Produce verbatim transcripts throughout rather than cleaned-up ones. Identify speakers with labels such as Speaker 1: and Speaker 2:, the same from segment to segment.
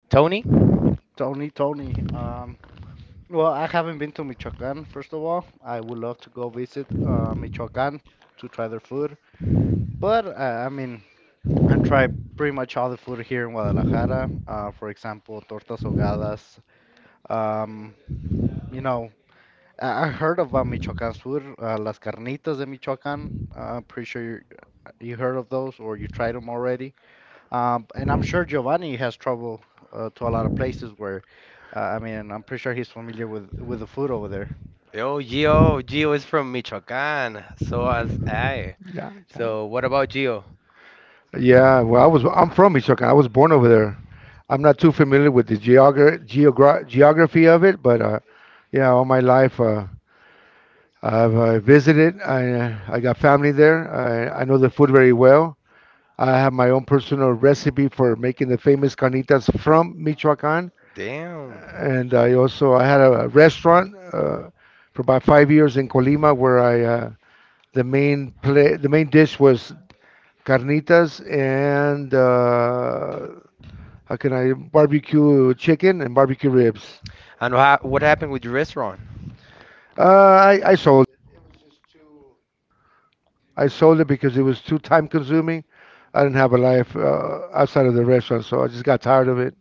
Speaker 1: Tony? Oh,
Speaker 2: Tony, Tony. Um, well, I haven't been to Michoacan, first of all. I would love to go visit uh, Michoacan to try their food. But, uh, I mean, I try pretty much all the food here in Guadalajara. Uh, for example, tortas ahogadas. Um, you know, I, I heard about Michoacan's food, uh, las carnitas de Michoacan. Uh, I'm pretty sure you heard of those, or you tried them already? Um, and I'm sure Giovanni has trouble uh, to a lot of places where, uh, I mean, I'm pretty sure he's familiar with with the food over there.
Speaker 1: Gio, Gio is from Michoacán. So as I. So what about Gio? Damn. And wha- what happened with your restaurant?
Speaker 3: I sold it because it was too time consuming. I didn't have a life uh, outside of the restaurant, so I just got tired of it.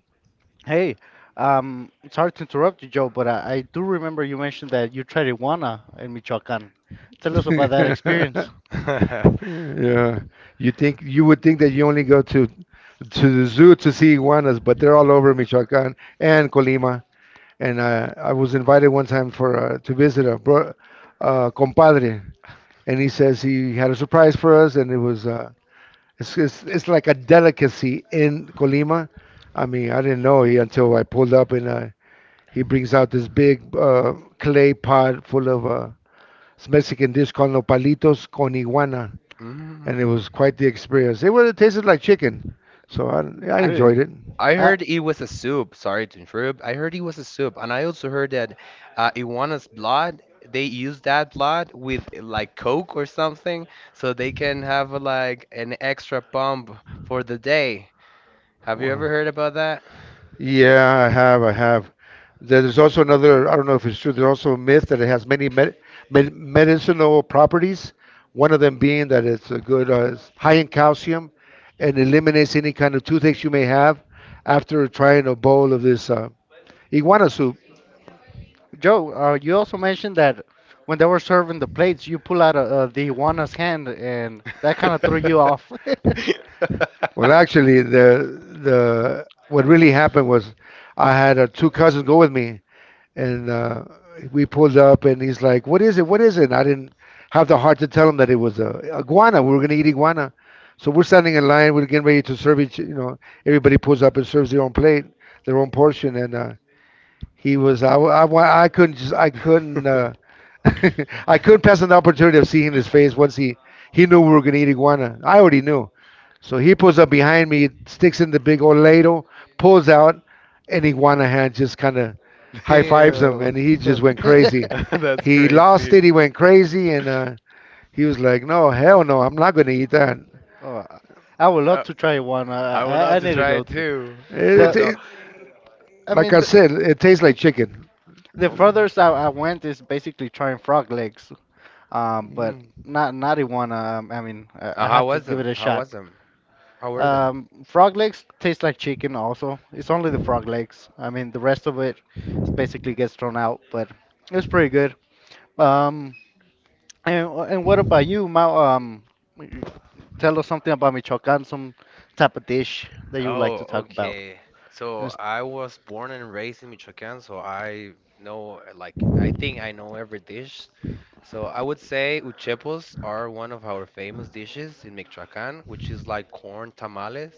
Speaker 2: Hey, um, sorry to interrupt you, Joe, but I, I do remember you mentioned that you tried iguana in Michoacán. Tell us about that
Speaker 3: Yeah,
Speaker 2: experience.
Speaker 3: you think you would think that you only go to to the zoo to see iguanas, but they're all over Michoacán and Colima. And uh, I was invited one time for uh, to visit a bro, uh, compadre, and he says he had a surprise for us, and it was uh, It's, it's it's like a delicacy in Colima. I mean, I didn't know he until I pulled up and uh, he brings out this big uh, clay pot full of uh, this Mexican dish called nopalitos con iguana, and it
Speaker 1: Mm.
Speaker 3: was quite the experience. It would have tasted like chicken, so I I
Speaker 2: Really?
Speaker 3: enjoyed it.
Speaker 1: I
Speaker 2: Uh,
Speaker 1: heard it was a soup. Sorry to interrupt. I heard it was a soup, and I also heard that uh, Iguana's blood. They use that blood with uh, like Coke or something, so they can have uh, like an extra pump for the day. Have you
Speaker 3: Wow.
Speaker 1: ever heard about that?
Speaker 3: Yeah, I have. I have. There- There's also another, I don't know if it's true, there's also a myth that it has many med med medicinal properties. One of them being that it's a good, uh, it's high in calcium and eliminates any kind of toothaches you may have after trying a bowl of this uh, iguana soup.
Speaker 2: Joe, uh, you also mentioned that when they were serving the plates, you pull out uh, uh, the iguana's hand, and that kind of threw you off.
Speaker 3: Well, actually, the the what really happened was I had uh, two cousins go with me, and uh, we pulled up, and he's like, "What is it? What is it?" And I didn't have the heart to tell him that it was a iguana. We were gonna eat iguana, so we're standing in line. We're getting ready to serve each. You know, everybody pulls up and serves their own plate, their own portion, and uh, he was. I, I, wa- I couldn't just. I couldn't. Uh, I couldn't pass on the opportunity of seeing his face once he he knew we were gonna eat iguana. I already knew. So he pulls up behind me, sticks in the big old ladle, pulls out, and Iguanahan just kind of high fives him,
Speaker 1: Damn.
Speaker 3: and he just went crazy.
Speaker 1: That's
Speaker 3: He lost
Speaker 1: crazy.
Speaker 3: it, he went crazy, and uh, he was like, "No, hell no, I'm not gonna eat that."
Speaker 2: Oh, I would
Speaker 1: Uh,
Speaker 2: love to try one.
Speaker 1: I
Speaker 2: Uh,
Speaker 1: would
Speaker 2: I,
Speaker 1: love
Speaker 2: I
Speaker 1: to
Speaker 2: need to
Speaker 1: try
Speaker 2: go
Speaker 1: it
Speaker 2: to.
Speaker 1: too. Oh,
Speaker 2: The
Speaker 3: It,
Speaker 1: so.
Speaker 3: it,
Speaker 2: I
Speaker 3: like
Speaker 2: mean,
Speaker 3: I
Speaker 2: the,
Speaker 3: said, it tastes like chicken.
Speaker 2: the furthest I, I went is basically trying frog legs. Um, but
Speaker 3: Mm.
Speaker 2: not not iguana. Um, I mean, I,
Speaker 1: Uh,
Speaker 2: I
Speaker 1: how
Speaker 2: have to
Speaker 1: was
Speaker 2: give it
Speaker 1: them?
Speaker 2: a
Speaker 1: How
Speaker 2: shot.
Speaker 1: was them? How were them?
Speaker 2: Um, frog legs taste like chicken also. It's only the frog legs. I mean, the rest of it is basically gets thrown out, but it's pretty good. Um, and, and what about you, Ma? Um, tell us something about Michoacan, some type of dish that you would like
Speaker 1: Oh,
Speaker 2: to talk about.
Speaker 1: okay. So
Speaker 2: And it's
Speaker 1: I was born and raised in Michoacán, so I know, uh, like, I think I know every dish. So I would say uchepos are one of our famous dishes in Michoacán, which is like corn tamales.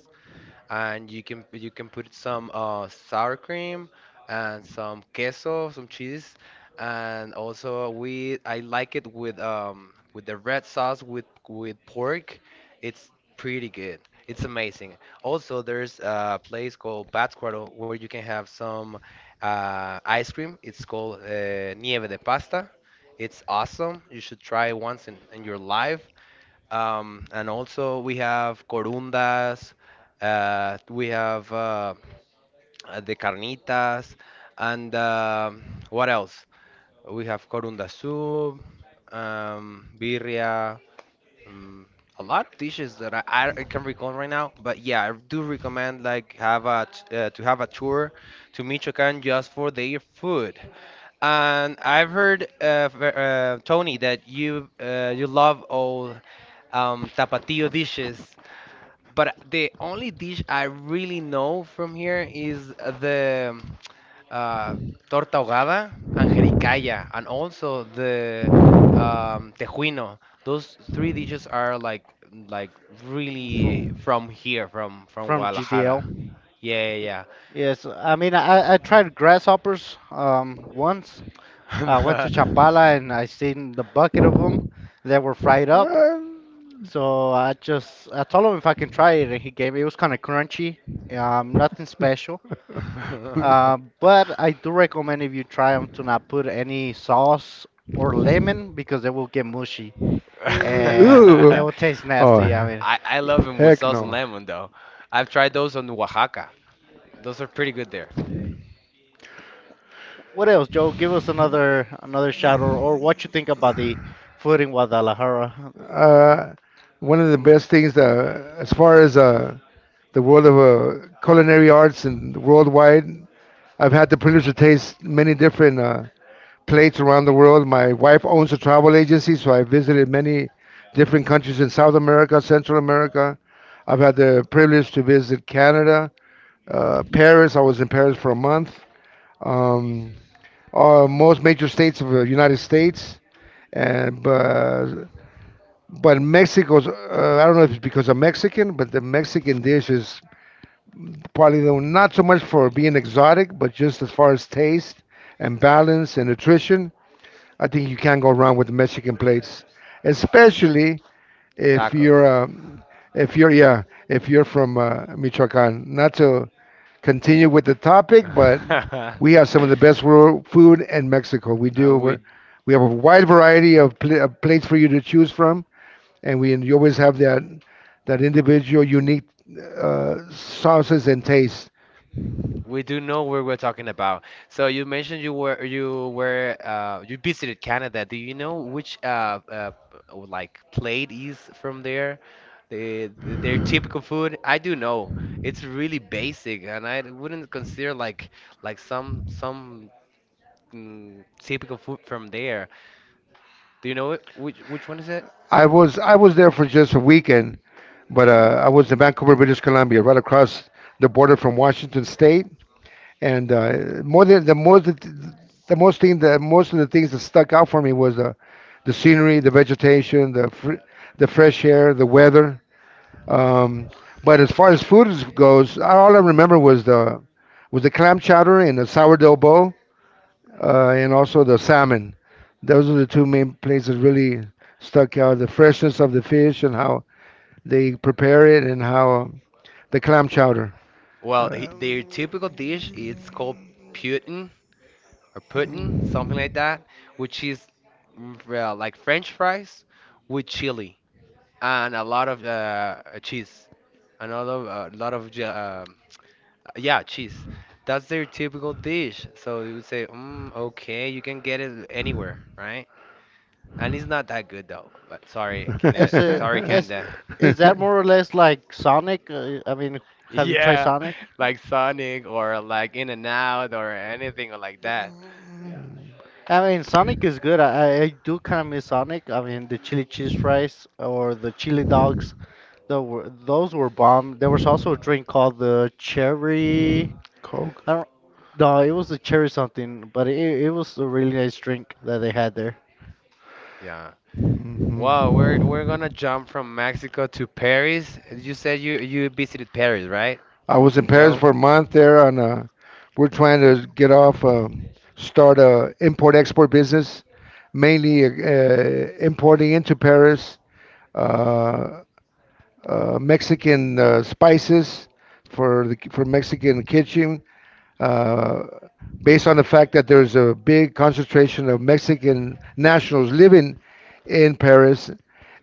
Speaker 1: And you can you can put some uh, sour cream and some queso, some cheese, and also we I like it with um with the red sauce with with pork. It's pretty good. It's amazing. Also, there's a place called Pátzcuaro where you can have some uh, ice cream. It's called uh, Nieve de Pasta. It's awesome. You should try it once in, in your life. Um, and also we have corundas, uh, we have uh, uh, the carnitas, and um what else? We have corunda soup, um, birria, um, a lot of dishes that I, I I can recall right now. But yeah, I do recommend like have a t- uh, to have a tour to Michoacan just for their food. And I've heard uh, v- uh, Tony, that you uh, you love all um, tapatio dishes. But the only dish I really know from here is the uh, torta ahogada, anjericaya, and also the um, tejuino. Those three dishes are like like
Speaker 2: from,
Speaker 1: really from here, from from
Speaker 2: from G D L.
Speaker 1: Guadalajara. Yeah, yeah,
Speaker 2: Yes, I mean, I, I tried grasshoppers um, once. I went to
Speaker 1: yeah.
Speaker 2: Chapala and I seen the bucket of them that were fried up.
Speaker 3: Well,
Speaker 2: So I just I told him if I can try it, and he gave me. It was kind of crunchy, um, nothing special. Uh, but I do recommend if you try them to not put any sauce or lemon because they will get mushy and they
Speaker 3: Ooh.
Speaker 2: will taste nasty. I
Speaker 3: Oh,
Speaker 2: mean,
Speaker 1: I I
Speaker 2: y-
Speaker 1: love them with
Speaker 3: heck
Speaker 1: sauce and
Speaker 3: no.
Speaker 1: lemon though. I've tried those on Oaxaca. Those are pretty good there.
Speaker 2: what else, Joe? Give us another another shot, or, or what you think about the food in Guadalajara.
Speaker 3: Uh, One of the best things that, as far as uh, the world of uh, culinary arts and worldwide, I've had the privilege to taste many different uh, plates around the world. My wife owns a travel agency, so I visited many different countries in South America, Central America. I've had the privilege to visit Canada, uh, Paris. I was in Paris for a month. Um, uh, Most major states of the United States, and but but Mexico's. Uh, I don't know if it's because I'm Mexican, but the Mexican dish is probably the, not so much for being exotic, but just as far as taste and balance and nutrition. I think you can't go wrong with the Mexican plates, especially if you're
Speaker 1: Tacos.
Speaker 3: um, if you're yeah if you're from uh, Michoacan. Not to continue with the topic, but we have some of the best world food in Mexico. We
Speaker 1: Uh,
Speaker 3: do.
Speaker 1: we
Speaker 3: We're, we have a wide variety of, pl- of plates for you to choose from, and we and you always have that that individual unique uh, sauces and tastes.
Speaker 1: We do know where we're talking about. So you mentioned you were you were uh, you visited Canada. Do you know which uh, uh oh, like plate is from there? The, the their typical food? I do know. It's really basic, and I wouldn't consider like like some some mm, typical food from there. Do you know it? Which which one is it?
Speaker 3: I was I was there for just a weekend, but uh, I was in Vancouver, British Columbia, right across the border from Washington State. And uh, more than the more the, the most thing that Most of the things that stuck out for me was uh, the scenery, the vegetation, the fr the fresh air, the weather. Um, but as far as food is- goes, all I remember was the was the clam chowder and the sourdough bowl, uh, and also the salmon. Those are the two main places that really stuck out: the freshness of the fish and how they prepare it, and how um, the clam chowder.
Speaker 1: Well, he,
Speaker 3: Uh,
Speaker 1: their typical dish it's called Putin. Or pudding, something like that, which is mm, uh, like French fries with chili and a lot of uh, uh, cheese. Another a lot of je- um, yeah cheese. That's their typical dish. So you would say, mm, okay, you can get it anywhere, right? And it's not that good though. But sorry, can I,
Speaker 2: Is it
Speaker 1: sorry,
Speaker 2: is
Speaker 1: Canada.
Speaker 2: is that more or less like Sonic? Uh, I mean, have you tried
Speaker 1: Yeah,
Speaker 2: Sonic?
Speaker 1: like Sonic or like In and Out or anything like that.
Speaker 2: I mean, Sonic is good. I, I do kind of miss Sonic. I mean, the chili cheese fries or the chili dogs, tho- were- those were bomb. There was also a drink called the cherry.
Speaker 3: Coke.
Speaker 2: I don't. No, it was the cherry something, but it, it was a really nice drink that they had there.
Speaker 1: Yeah. Wow, we're we're gonna jump from Mexico to
Speaker 3: Mhm.
Speaker 1: Paris. You said you you visited Paris, right,
Speaker 3: I was in Paris
Speaker 1: Joe?
Speaker 3: for a month there on uh we're trying to get off uh, start a import export business, mainly uh, importing into Paris uh, uh, Mexican uh, spices for the for Mexican kitchen uh, based on the fact that there's a big concentration of Mexican nationals living in Paris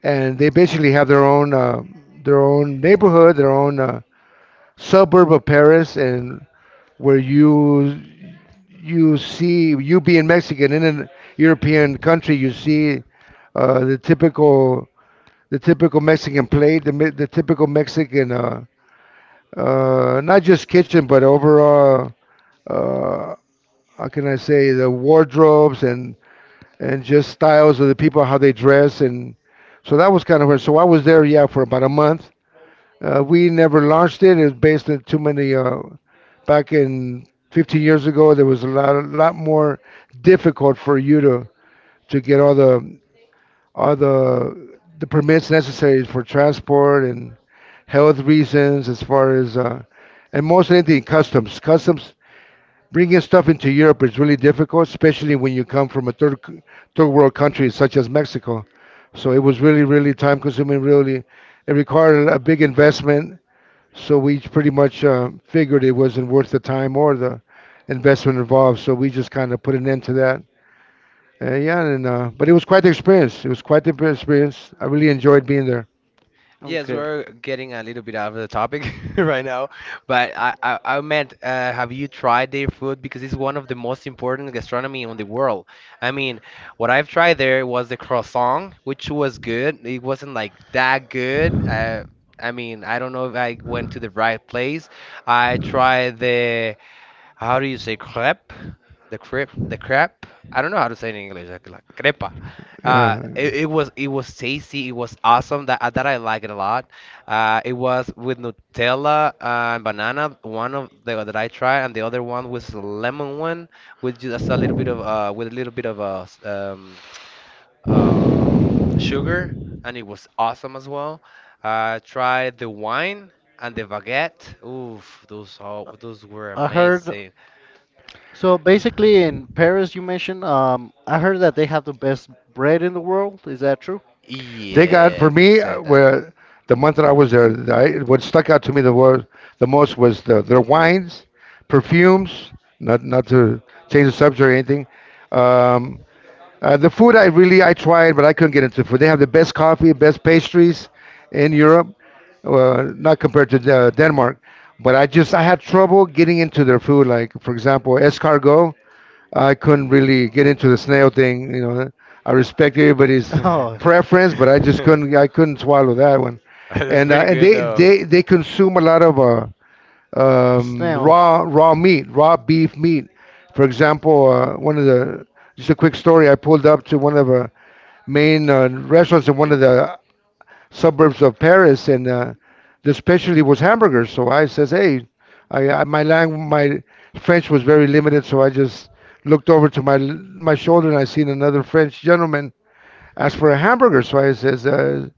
Speaker 3: and they basically have their own uh, their own neighborhood, their own uh, suburb of Paris, and where you you see you being Mexican in an European country, you see uh, the typical the typical Mexican plate, the mi- the typical Mexican uh, uh, not just kitchen but overall, uh, how can I say, the wardrobes and and just styles of the people, how they dress. And so that was kind of where, so I was there, yeah, for about a month. Uh, we never launched it. It was based on too many. Uh, back in fifteen years ago, there was a lot, a lot more difficult for you to to get all the all the the permits necessary for transport and health reasons, as far as uh, and most anything customs. Customs bringing stuff into Europe is really difficult, especially when you come from a third c- third world country such as Mexico. So it was really, really time consuming. Really, it required a big investment, so we pretty much uh, figured it wasn't worth the time or the investment involved. So we just kind of put an end to that. Uh, yeah, and uh, but it was quite the experience. It was quite the experience. I really enjoyed being there.
Speaker 1: Yes,
Speaker 2: Okay,
Speaker 1: we're getting a little bit out of the topic right now, but I, I, I meant, uh, have you tried their food? Because it's one of the most important gastronomy in the world. I mean, what I've tried there was the croissant, which was good. It wasn't like that good. Uh, I mean, I don't know if I went to the right place. I tried the How do you say crepe? The crepe, the crepe. I don't know how to say it in English. Like, like crepa.
Speaker 3: Yeah,
Speaker 1: Uh, it, it was it was tasty. It was awesome. That uh, that I like it a lot. Uh, it was with Nutella and banana. One of the that I tried, and the other one was the lemon one with just a little bit of uh with a little bit of uh s- um um sugar, and it was awesome as well. I tried the wine and the baguette. Oof, those all those were
Speaker 2: I heard.
Speaker 1: amazing.
Speaker 2: So basically, in Paris, you mentioned. Um, I heard that they have the best bread in the world. Is that true?
Speaker 3: they got
Speaker 1: Yeah,
Speaker 3: for
Speaker 1: could
Speaker 3: me
Speaker 1: say
Speaker 3: uh,
Speaker 1: that.
Speaker 3: where the month that I was there, I, what stuck out to me the was the most was the, their wines, perfumes. Not not to change the subject or anything. Um, Uh, the food I really I tried, but I couldn't get into food. They have the best coffee, best pastries in Europe, uh, not compared to uh, Denmark. But I just I had trouble getting into their food. Like for example, escargot, I couldn't really get into the snail thing. You know, I respect everybody's
Speaker 2: Oh.
Speaker 3: preference, but I just couldn't I couldn't swallow that one.
Speaker 1: That's
Speaker 3: And uh,
Speaker 1: pretty
Speaker 3: and
Speaker 1: good
Speaker 3: they
Speaker 1: though.
Speaker 3: they they consume a lot of uh, um,
Speaker 2: Snails.
Speaker 3: raw raw meat, raw beef meat. For example, uh, one of the just a quick story. I pulled up to one of the main uh, restaurants in one of the suburbs of Paris, and uh, the specialty was hamburgers. So I says, "Hey, I, I my lang my French was very limited, so I just looked over to my my shoulder and I seen another French gentleman ask for a hamburger." So I says, uh,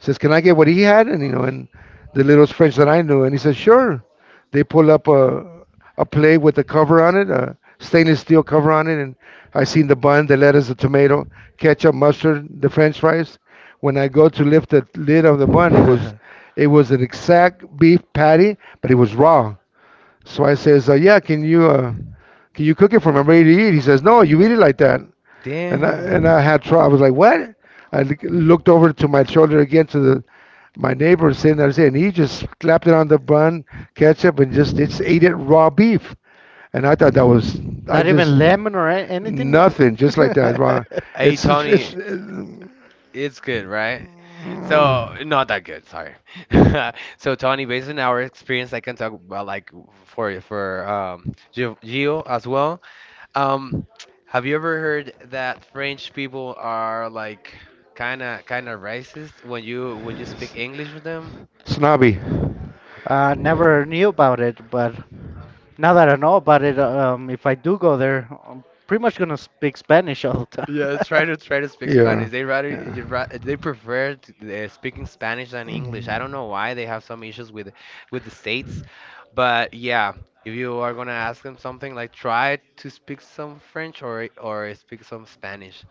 Speaker 3: says, "Can I get what he had?" And you know, and the little French that I knew, and he says, "Sure." They pull up a a plate with a cover on it, a stainless steel cover on it, and I seen the bun, the lettuce, the tomato, ketchup, mustard, the French fries. When I go to lift the lid of the bun, it was it was an exact beef patty, but it was raw. So I says, uh, "Yeah, can you uh, can you cook it for me? I'm ready to eat." He says, "No, you eat it like that." And I and
Speaker 1: Damn.
Speaker 3: I had trouble. I was like, "What?" I l- looked over to my shoulder again to the my neighbor was sitting there, saying he just slapped it on the bun, ketchup, and just it's ate it raw beef. And I thought that was I
Speaker 2: Not even
Speaker 3: just
Speaker 2: lemon or a- anything?
Speaker 3: nothing, just like that, raw.
Speaker 1: Hey
Speaker 3: It's it's,
Speaker 1: Tony,
Speaker 3: it's
Speaker 1: it's good, right?
Speaker 3: uh,
Speaker 1: So not that good, sorry. So Tony, based on our experience, I can talk about like for for um Gio, Gio as well. Um, have you ever heard that French people are like kind of kind of racist when you when you speak English with them?
Speaker 3: snobby.
Speaker 2: I never knew about it, but now that I know about it, um, if I do go there, I'm pretty much gonna speak Spanish all the time.
Speaker 1: Yeah, try to try to speak
Speaker 3: Yeah.
Speaker 1: Spanish. They rather
Speaker 3: Yeah.
Speaker 1: you ra- they prefer to, uh, speaking Spanish than English.
Speaker 3: Mm.
Speaker 1: I don't know why they have some issues with with the states, but yeah, if you are gonna ask them something, like try to speak some French or or speak some Spanish.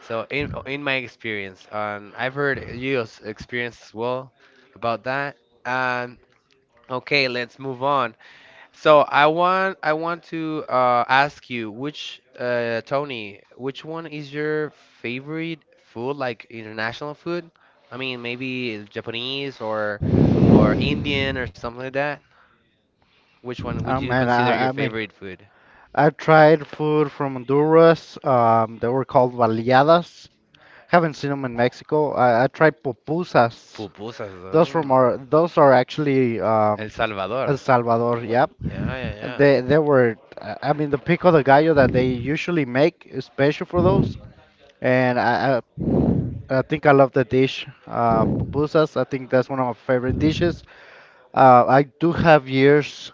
Speaker 1: So in in my experience, um, I've heard your experience as well about that. Um, okay, let's move on. So I want I want to uh, ask you which uh, Tony, which one is your favorite food, like international food? I mean, maybe Japanese or or Indian or something like that. Which one would
Speaker 2: Oh
Speaker 1: you
Speaker 2: man,
Speaker 1: consider your
Speaker 2: I, I mean,
Speaker 1: favorite food?
Speaker 2: I've tried food from Honduras. Um, they were called baleadas. Haven't seen them in Mexico. I, I tried pupusas.
Speaker 1: Pupusas,
Speaker 2: Those from
Speaker 1: um,
Speaker 2: our, those are actually
Speaker 1: El
Speaker 2: um,
Speaker 1: Salvador.
Speaker 2: El Salvador. Yeah,
Speaker 1: Yeah, yeah, yeah.
Speaker 2: They they were, uh, I mean, the pico de gallo that they usually make is special for those, and I I, I think I love the dish, uh, pupusas. I think that's one of my favorite dishes. Uh, I do have years,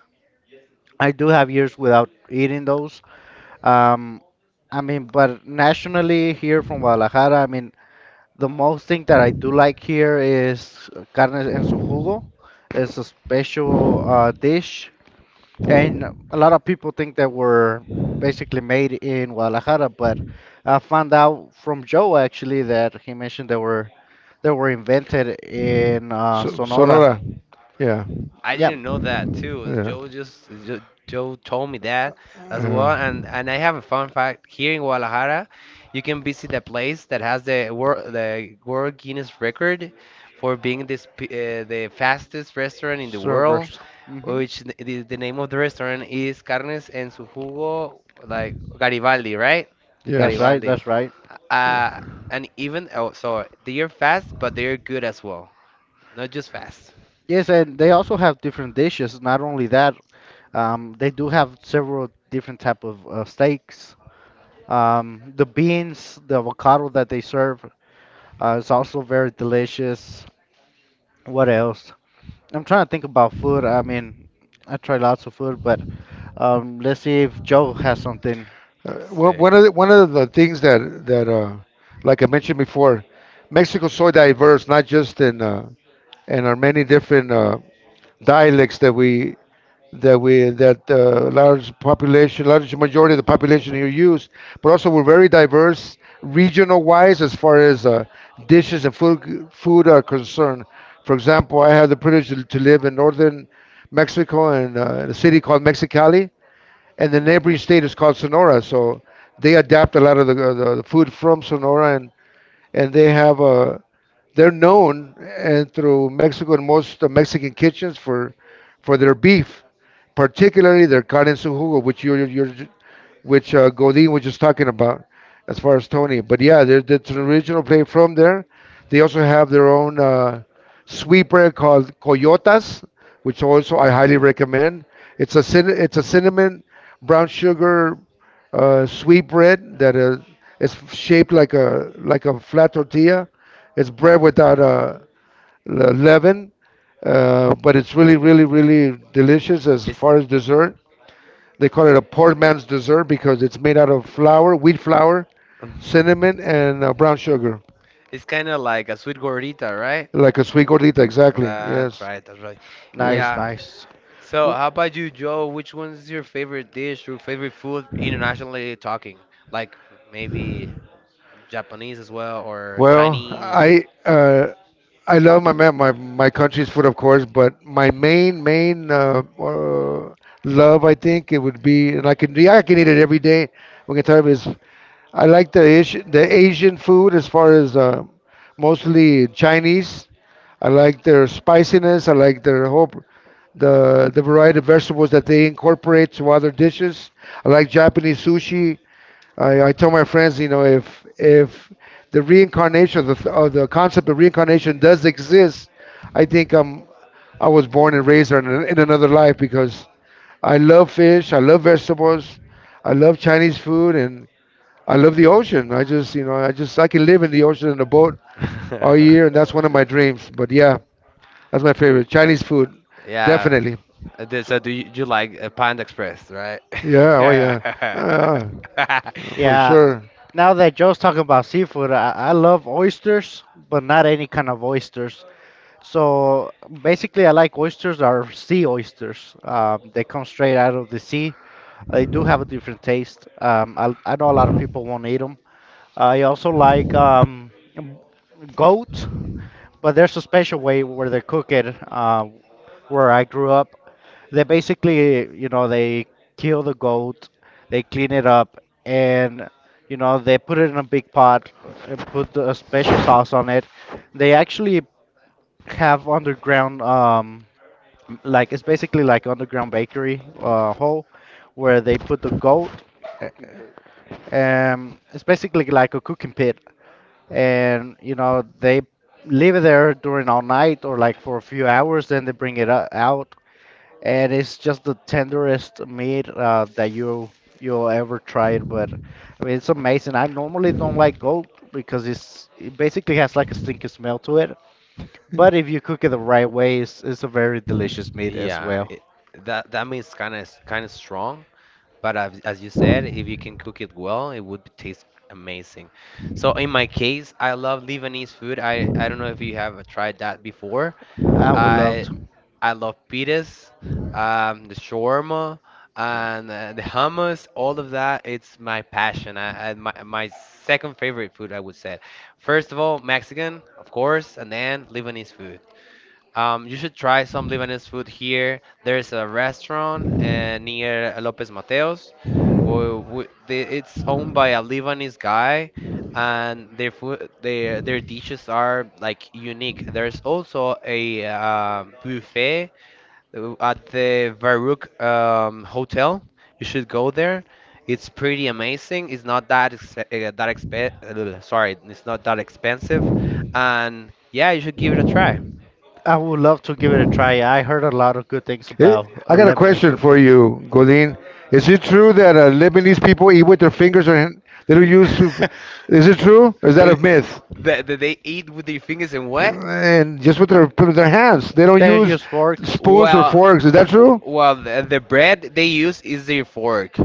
Speaker 2: I do have years without eating those. Um, I mean, but nationally here from Guadalajara, I mean, the most thing that I do like here is carne en su jugo. It's a special uh, dish. And a lot of people think that we're basically made in Guadalajara, but I found out from Joe actually that he mentioned they were they were invented in uh,
Speaker 3: So,
Speaker 2: Sonora.
Speaker 3: Sonora. Yeah.
Speaker 1: I
Speaker 2: Yeah,
Speaker 1: didn't know that too.
Speaker 3: Yeah.
Speaker 1: Joe just Jo- Joe told me that as
Speaker 3: Uh,
Speaker 1: well, and and I have a fun fact. Here in Guadalajara, you can visit the place that has the world the World Guinness record for being this p- uh, the fastest restaurant in the world,
Speaker 2: servers. Hmm.
Speaker 1: which the, the the name of the restaurant is Carnes en su jugo, like Garibaldi, right?
Speaker 2: That's
Speaker 3: yes.
Speaker 2: right.
Speaker 1: Garibaldi.
Speaker 2: That's right.
Speaker 3: Yeah.
Speaker 1: Uh, and even oh, so they are fast, but they are good as well, not just fast.
Speaker 2: Yes, and they also have different dishes. Not only that, um, they do have several different type of uh, steaks. Um, the beans, the avocado that they serve uh, is also very delicious. What else? I'm trying to think about food. I mean, I try lots of food, but um, let's see if Joe has something.
Speaker 3: Uh, one
Speaker 1: Say.
Speaker 3: one of the, one of the things that that uh, like I mentioned before, Mexico's so diverse, not just in uh, in our many different uh, dialects that we that we that uh, large population, large majority of the population here use, but also we're very diverse regional wise as far as uh, dishes and food food are concerned. For example, I had the privilege to to live in northern Mexico in uh, in a city called Mexicali, and the neighboring state is called Sonora. So they adapt a lot of the, the, the food from Sonora, and and they have a, they're known and through Mexico and most uh, Mexican kitchens for for their beef, particularly their carne en su jugo, which you're you're which uh, Godin was just talking about as far as Tony. But yeah, there, there's an original play from there. They also have their own uh, sweeper called Coyotas, which also I highly recommend. It's a cin- it's a cinnamon brown sugar uh, sweet bread that uh, is shaped like a like a flat tortilla. It's bread without uh, le- leaven, uh, but it's really really really delicious as
Speaker 1: It's
Speaker 3: far as dessert. They call it a poor man's dessert because it's made out of flour, wheat flour, cinnamon, and uh, brown sugar,
Speaker 1: it's kind of like a sweet gordita, right?
Speaker 3: like a sweet gordita. Exactly.
Speaker 1: That's
Speaker 3: Yes.
Speaker 1: right, that's right.
Speaker 3: Yeah.
Speaker 2: Nice,
Speaker 1: Yeah.
Speaker 2: nice.
Speaker 1: So,
Speaker 2: Well,
Speaker 1: how about you, Joe? Which one's your favorite dish or favorite food internationally talking? Like maybe Japanese as well or
Speaker 3: Well,
Speaker 1: Chinese?
Speaker 3: I uh, I love my ma- my my country's food, of course, but my main main uh, uh, love, I think, it would be, and I can yeah, I can eat it every day. We can tell you, is I like the Asian, the Asian food as far as uh, mostly Chinese. I like their spiciness. I like their whole, pr- the the variety of vegetables that they incorporate to other dishes. I like Japanese sushi. I, I tell my friends, you know, if if the reincarnation of the th- of the concept of reincarnation does exist, I think I'm I was born and raised in, an- in another life because I love fish. I love vegetables. I love Chinese food and I love the ocean. I just, you know, I just I can live in the ocean in a boat all year, and that's one of my dreams. But yeah, that's my favorite Chinese food,
Speaker 1: Yeah.
Speaker 3: definitely.
Speaker 1: Uh, th- So,
Speaker 2: so-
Speaker 1: do you, you like uh, Panda Express, right?
Speaker 3: Yeah, oh yeah, uh, for
Speaker 2: yeah,
Speaker 3: sure.
Speaker 2: Now that Joe's talking about seafood, I, I love oysters, but not any kind of oysters. So basically, I like oysters that are sea oysters. Um, they come straight out of the sea. They do have a different taste. Um, I, I know a lot of people won't eat them. I also like um, goat. But there's a special way where they cook it. Uh, where I grew up, they basically, you know, they kill the goat, they clean it up, and you know, they put it in a big pot and put a special sauce on it. They actually have underground, um, like it's basically like underground bakery uh, hole where they put the goat. uh,
Speaker 3: Cooking paper.
Speaker 2: Um, it's basically like a cooking pit, and you know they leave it there during all night or like for a few hours, then they bring it o- out, and it's just the tenderest meat uh, that you you'll ever try it. But I mean It's amazing. I normally don't like goat because it's it basically has like a stinky smell to it, but if you cook it the right way, it's, it's a very delicious meat as
Speaker 1: Yeah,
Speaker 2: well.
Speaker 1: it, that that means kind of kind of strong, but as, as you said, if you can cook it well, it would taste amazing. So in my case, I love Lebanese food. I, I don't know if you have tried that before.
Speaker 2: i would love
Speaker 1: I
Speaker 2: to
Speaker 1: I love pitas, um, the shawarma, and uh, the hummus. All of that, it's my passion. I, I my my second favorite food, I would say. First of all, Mexican, of course, and then Lebanese food. Um, you should try some Lebanese food here. There's a restaurant uh, near Lopez Mateos. Well, we, they, it's owned by a Lebanese guy, and their food, their their dishes are like unique. There's also a uh, buffet uh, at the Baruch um, Hotel. You should go there. It's pretty amazing. It's not that ex uh, that exp sorry, it's not that expensive, and yeah, you should give it a try.
Speaker 2: I would love to give it a try. I heard a lot of good things
Speaker 3: Eh,
Speaker 2: about uh,
Speaker 3: I got a
Speaker 2: Lebanese
Speaker 3: question
Speaker 2: food.
Speaker 3: for you, Godin. Is it true that uh, Lebanese people eat with their fingers, or hand- they don't use soup? Is it true? Or is that a myth?
Speaker 1: That the, they eat with their fingers and what?
Speaker 3: And just with their with their hands. They don't
Speaker 2: That
Speaker 3: use
Speaker 2: just works.
Speaker 3: spoons or
Speaker 1: Well,
Speaker 3: forks. Is that
Speaker 1: w-
Speaker 3: true?
Speaker 1: well, the, the bread they use is their fork.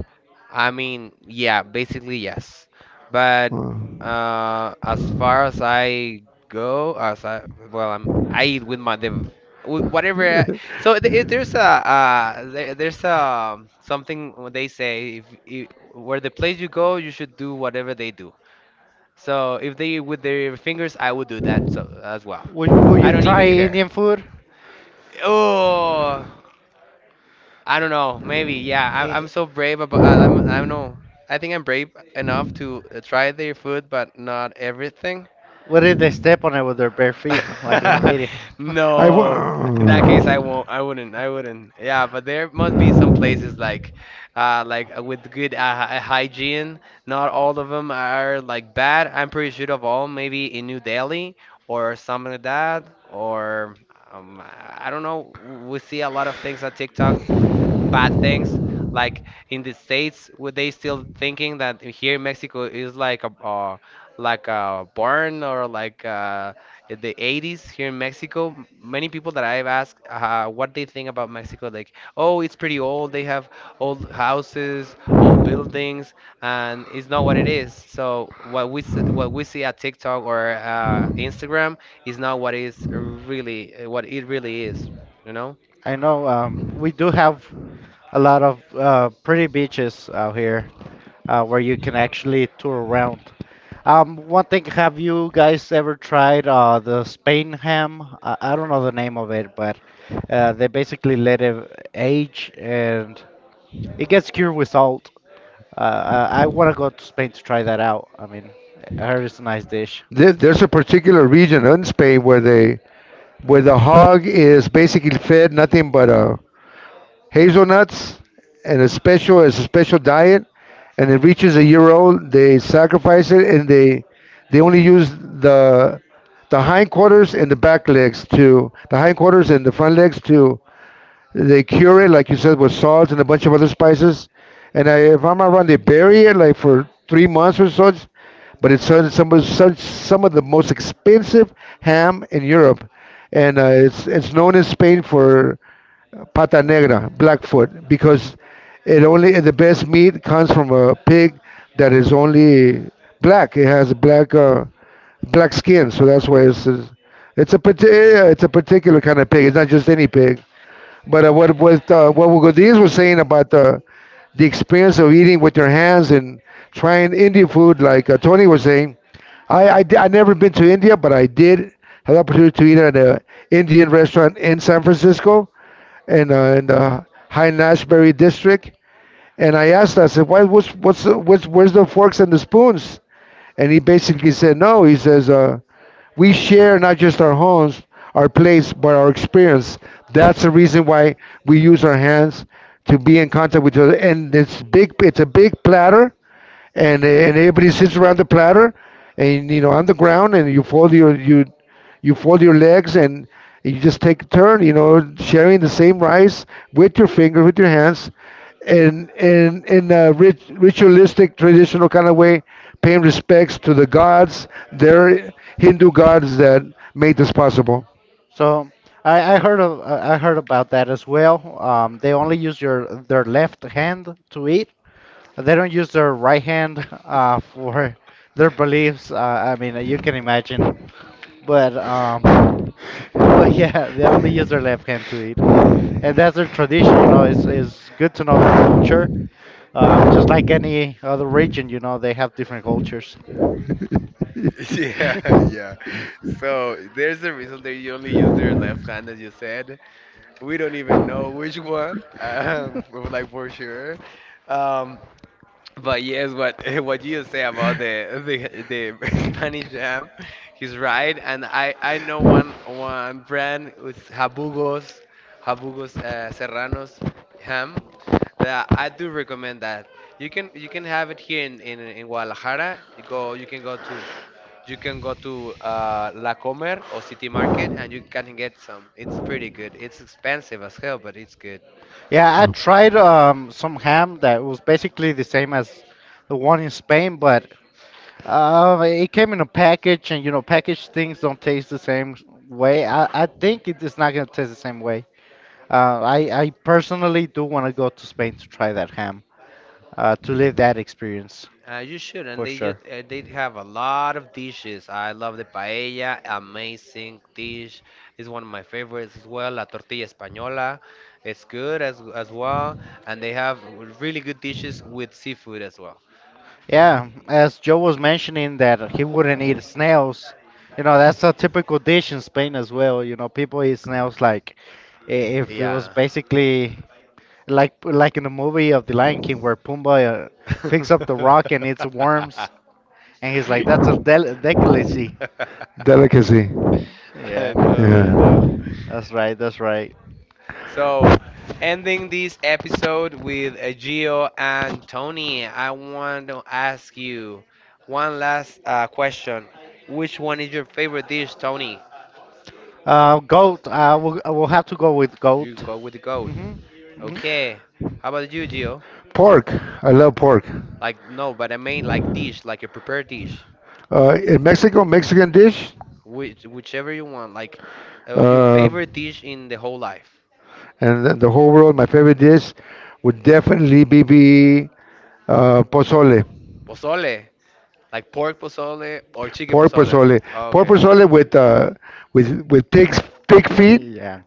Speaker 1: I mean, yeah, basically yes. But uh, as far as I go, as I well, I'm I eat with my the with whatever. I- so th- it- there's a uh, there, there's a something when they say if you, where the place you go, you should do whatever they do. So if they with their fingers, I would
Speaker 3: Uh,
Speaker 1: do that so as well.
Speaker 2: Would, would
Speaker 1: I
Speaker 2: you
Speaker 1: don't
Speaker 2: try
Speaker 1: even care.
Speaker 2: Indian food?
Speaker 1: Oh, I don't know. Maybe yeah. I, I'm
Speaker 2: Eh,
Speaker 1: so brave about. I, I'm. I don't know. I think I'm brave enough to uh, try their food, but not everything.
Speaker 2: what if they step on it with their bare feet, like in the
Speaker 3: Uh,
Speaker 2: videos?
Speaker 3: I
Speaker 1: No. In that case, I
Speaker 3: w-
Speaker 1: won't. I wouldn't. I wouldn't. Yeah, but there must be some places like, uh, like uh, with good uh, hy- hygiene. Not all of them are like bad. I'm pretty sure of all. Maybe in New Delhi or something like that, or um, I I don't know. We see a lot of things on TikTok, bad things. Like in the States, were they still thinking that here in Mexico is like a, uh, like a barn or like a in the eighties here in Mexico, many people that I've asked uh, what they think about Mexico, like, oh, it's pretty old. They have old houses, old buildings, and it's not what it is. So what we s- what we see at TikTok or uh, Instagram is not what is really what it really is, you know?
Speaker 2: I know um, we do have a lot of uh, pretty beaches out here, uh, where you can actually tour around. Um, one thing, have you guys ever tried uh, the Spain ham? I, I don't know the name of it, but uh, they basically let it age and it gets cured with salt. Uh, I, I want to go to Spain to try that out. I mean, I heard it's a nice dish.
Speaker 3: there, there's a particular region in Spain where they where the hog is basically fed nothing but a hazelnuts and a special as a special diet. And it reaches a year old, they sacrifice it and they they only use the the hindquarters and the back legs to the hindquarters and the front legs to they cure it, like you said, with salt and a bunch of other spices. And I, if I'm not wrong, they bury it like for three months or so. But it's some some of- some, some of the most expensive ham in Europe, and uh, it's it's known in Spain for pata negra, blackfoot, because it only the best meat comes from a pig that is only black. It has black uh, black skin, so that's why it's it's a parti- it's a particular kind of pig. It's not just any pig. But uh, what what uh, what Godiz was saying about the the experience of eating with your hands and trying Indian food, like uh, Tony was saying, I I, di- I never been to India, but I did have the opportunity to eat at an Indian restaurant in San Francisco in uh, in the High Nashbury district. And I asked, I said, why, what's, what's, the- what's, where's the forks and the spoons? And he basically said, no, he says, uh, we share not just our homes, our place, but our experience. That's the reason why we use our hands to be in contact with each other. And it's big. It's a big platter, and and everybody sits around the platter, and you know, on the ground, and you fold your you you fold your legs, and you just take a turn, you know, sharing the same rice with your finger, with your hands, and and in a rit- ritualistic traditional kind of way, paying respects to the gods, their Hindu gods that made this possible.
Speaker 2: So I, I heard of, I I heard about that as well. Um, they only use your their left hand to eat. They don't use their right hand uh, for their beliefs. Uh, I mean, you can imagine. But um, But yeah, they only use their left hand to eat, and that's their tradition. You know, it's it's good to know their culture. Um, just like any other region, you know, they have different cultures.
Speaker 1: Yeah, yeah. So there's a reason they only use their left hand, as you said. We don't even know which one, um, like for sure. Um, but yes, what what you say about the the the Spanish jam, he's right. And I I know one one brand with Habugos, Habugos uh, Serranos ham. That I do recommend that. You can you can have it here in in, in Guadalajara. You go you can go to you can go to uh, La Comer or City Market and you can get some. It's pretty good. It's expensive as hell, but it's good.
Speaker 2: Yeah, I tried um, some ham that was basically the same as the one in Spain, but uh, it came in a package, and you know, packaged things don't taste the same way. I, I think it is not gonna taste the same way. Uh, I I personally do want to go to Spain to try that ham, uh, to live that experience
Speaker 1: Uh, you should,
Speaker 2: for
Speaker 1: and they
Speaker 2: sure.
Speaker 1: just uh, they have a lot of dishes. I love the paella, amazing dish. It's one of my favorites as well. La tortilla española, it's good as as well, and they have really good dishes with seafood as well.
Speaker 2: Yeah, as Joe was mentioning that he wouldn't eat snails. You know, that's a typical dish in Spain as well. You know, people eat snails like i- if it was
Speaker 1: Yeah.
Speaker 2: basically like like in the movie of The Lion King where Pumbaa uh, picks up the rock and eats worms. And he's like, that's a del delicacy.
Speaker 3: Delicacy.
Speaker 1: I
Speaker 2: Yeah,
Speaker 1: know, I know.
Speaker 3: Yeah,
Speaker 2: that's right, that's right.
Speaker 1: So, ending this episode with uh, Gio and Tony, I want to ask you one last uh, question. Which one is your favorite dish, Tony?
Speaker 2: Uh, goat. Uh, we'll, uh, we'll have to go with
Speaker 1: You
Speaker 2: goat.
Speaker 1: go with the goat.
Speaker 2: Mhm. Mhm.
Speaker 1: Okay. How about you, Gio?
Speaker 3: pork. I love pork.
Speaker 1: Like, no, but I mean like dish, like a prepared dish.
Speaker 3: Uh, in Mexico, Mexican dish,
Speaker 1: Which, whichever you want. Like, uh, your
Speaker 3: um,
Speaker 1: favorite dish in the whole life.
Speaker 3: and then the whole world, my favorite dish would definitely be, be uh, pozole,
Speaker 1: Pozole. Like pork pozole or chicken
Speaker 3: pork
Speaker 1: pozole.
Speaker 3: pozole,
Speaker 1: Oh,
Speaker 3: pork
Speaker 1: okay.
Speaker 3: pozole with uh, with with pig's pig feet,
Speaker 2: Yeah.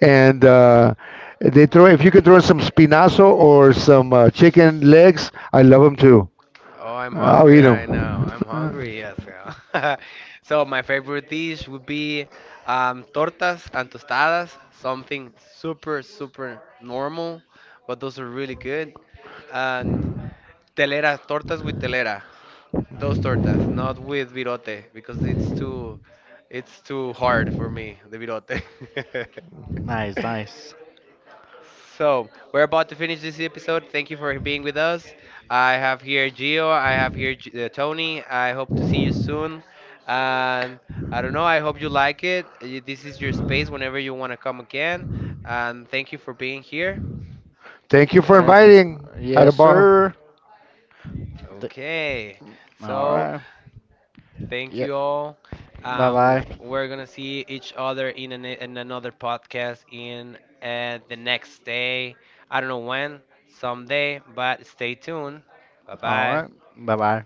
Speaker 3: and uh, they throw if you could throw in some spinazo or some uh, chicken legs, I love them too.
Speaker 1: Oh, I'm
Speaker 3: I'll
Speaker 1: hungry
Speaker 3: eat
Speaker 1: right now.
Speaker 3: them.
Speaker 1: I'm hungry, yes, girl. So my favorite dish would be um, tortas and tostadas, something super, super normal, but those are really good. And telera, tortas with telera, those tortas, not with virote, because it's too, it's too hard for me, the virote.
Speaker 2: Nice, nice.
Speaker 1: So, we're about to finish this episode. Thank you for being with us. I have here Gio, I have here G- uh, Tony. I hope to see you soon. And I don't know, I hope you like it. Y- This is your space whenever you want to come again. And thank you for being here.
Speaker 3: Thank you for
Speaker 2: Thank you.
Speaker 3: inviting. Had a
Speaker 2: Yes,
Speaker 3: ball.
Speaker 2: sir. Th-
Speaker 1: Okay.
Speaker 2: All
Speaker 1: So,
Speaker 2: right.
Speaker 1: thank
Speaker 2: Yeah.
Speaker 1: you all.
Speaker 2: Bye
Speaker 1: Um,
Speaker 2: bye.
Speaker 1: we're going to see each other in, an, in another podcast in uh, the next day. I don't know when, someday, but stay tuned. Bye
Speaker 2: All right.
Speaker 1: bye.
Speaker 2: Bye bye.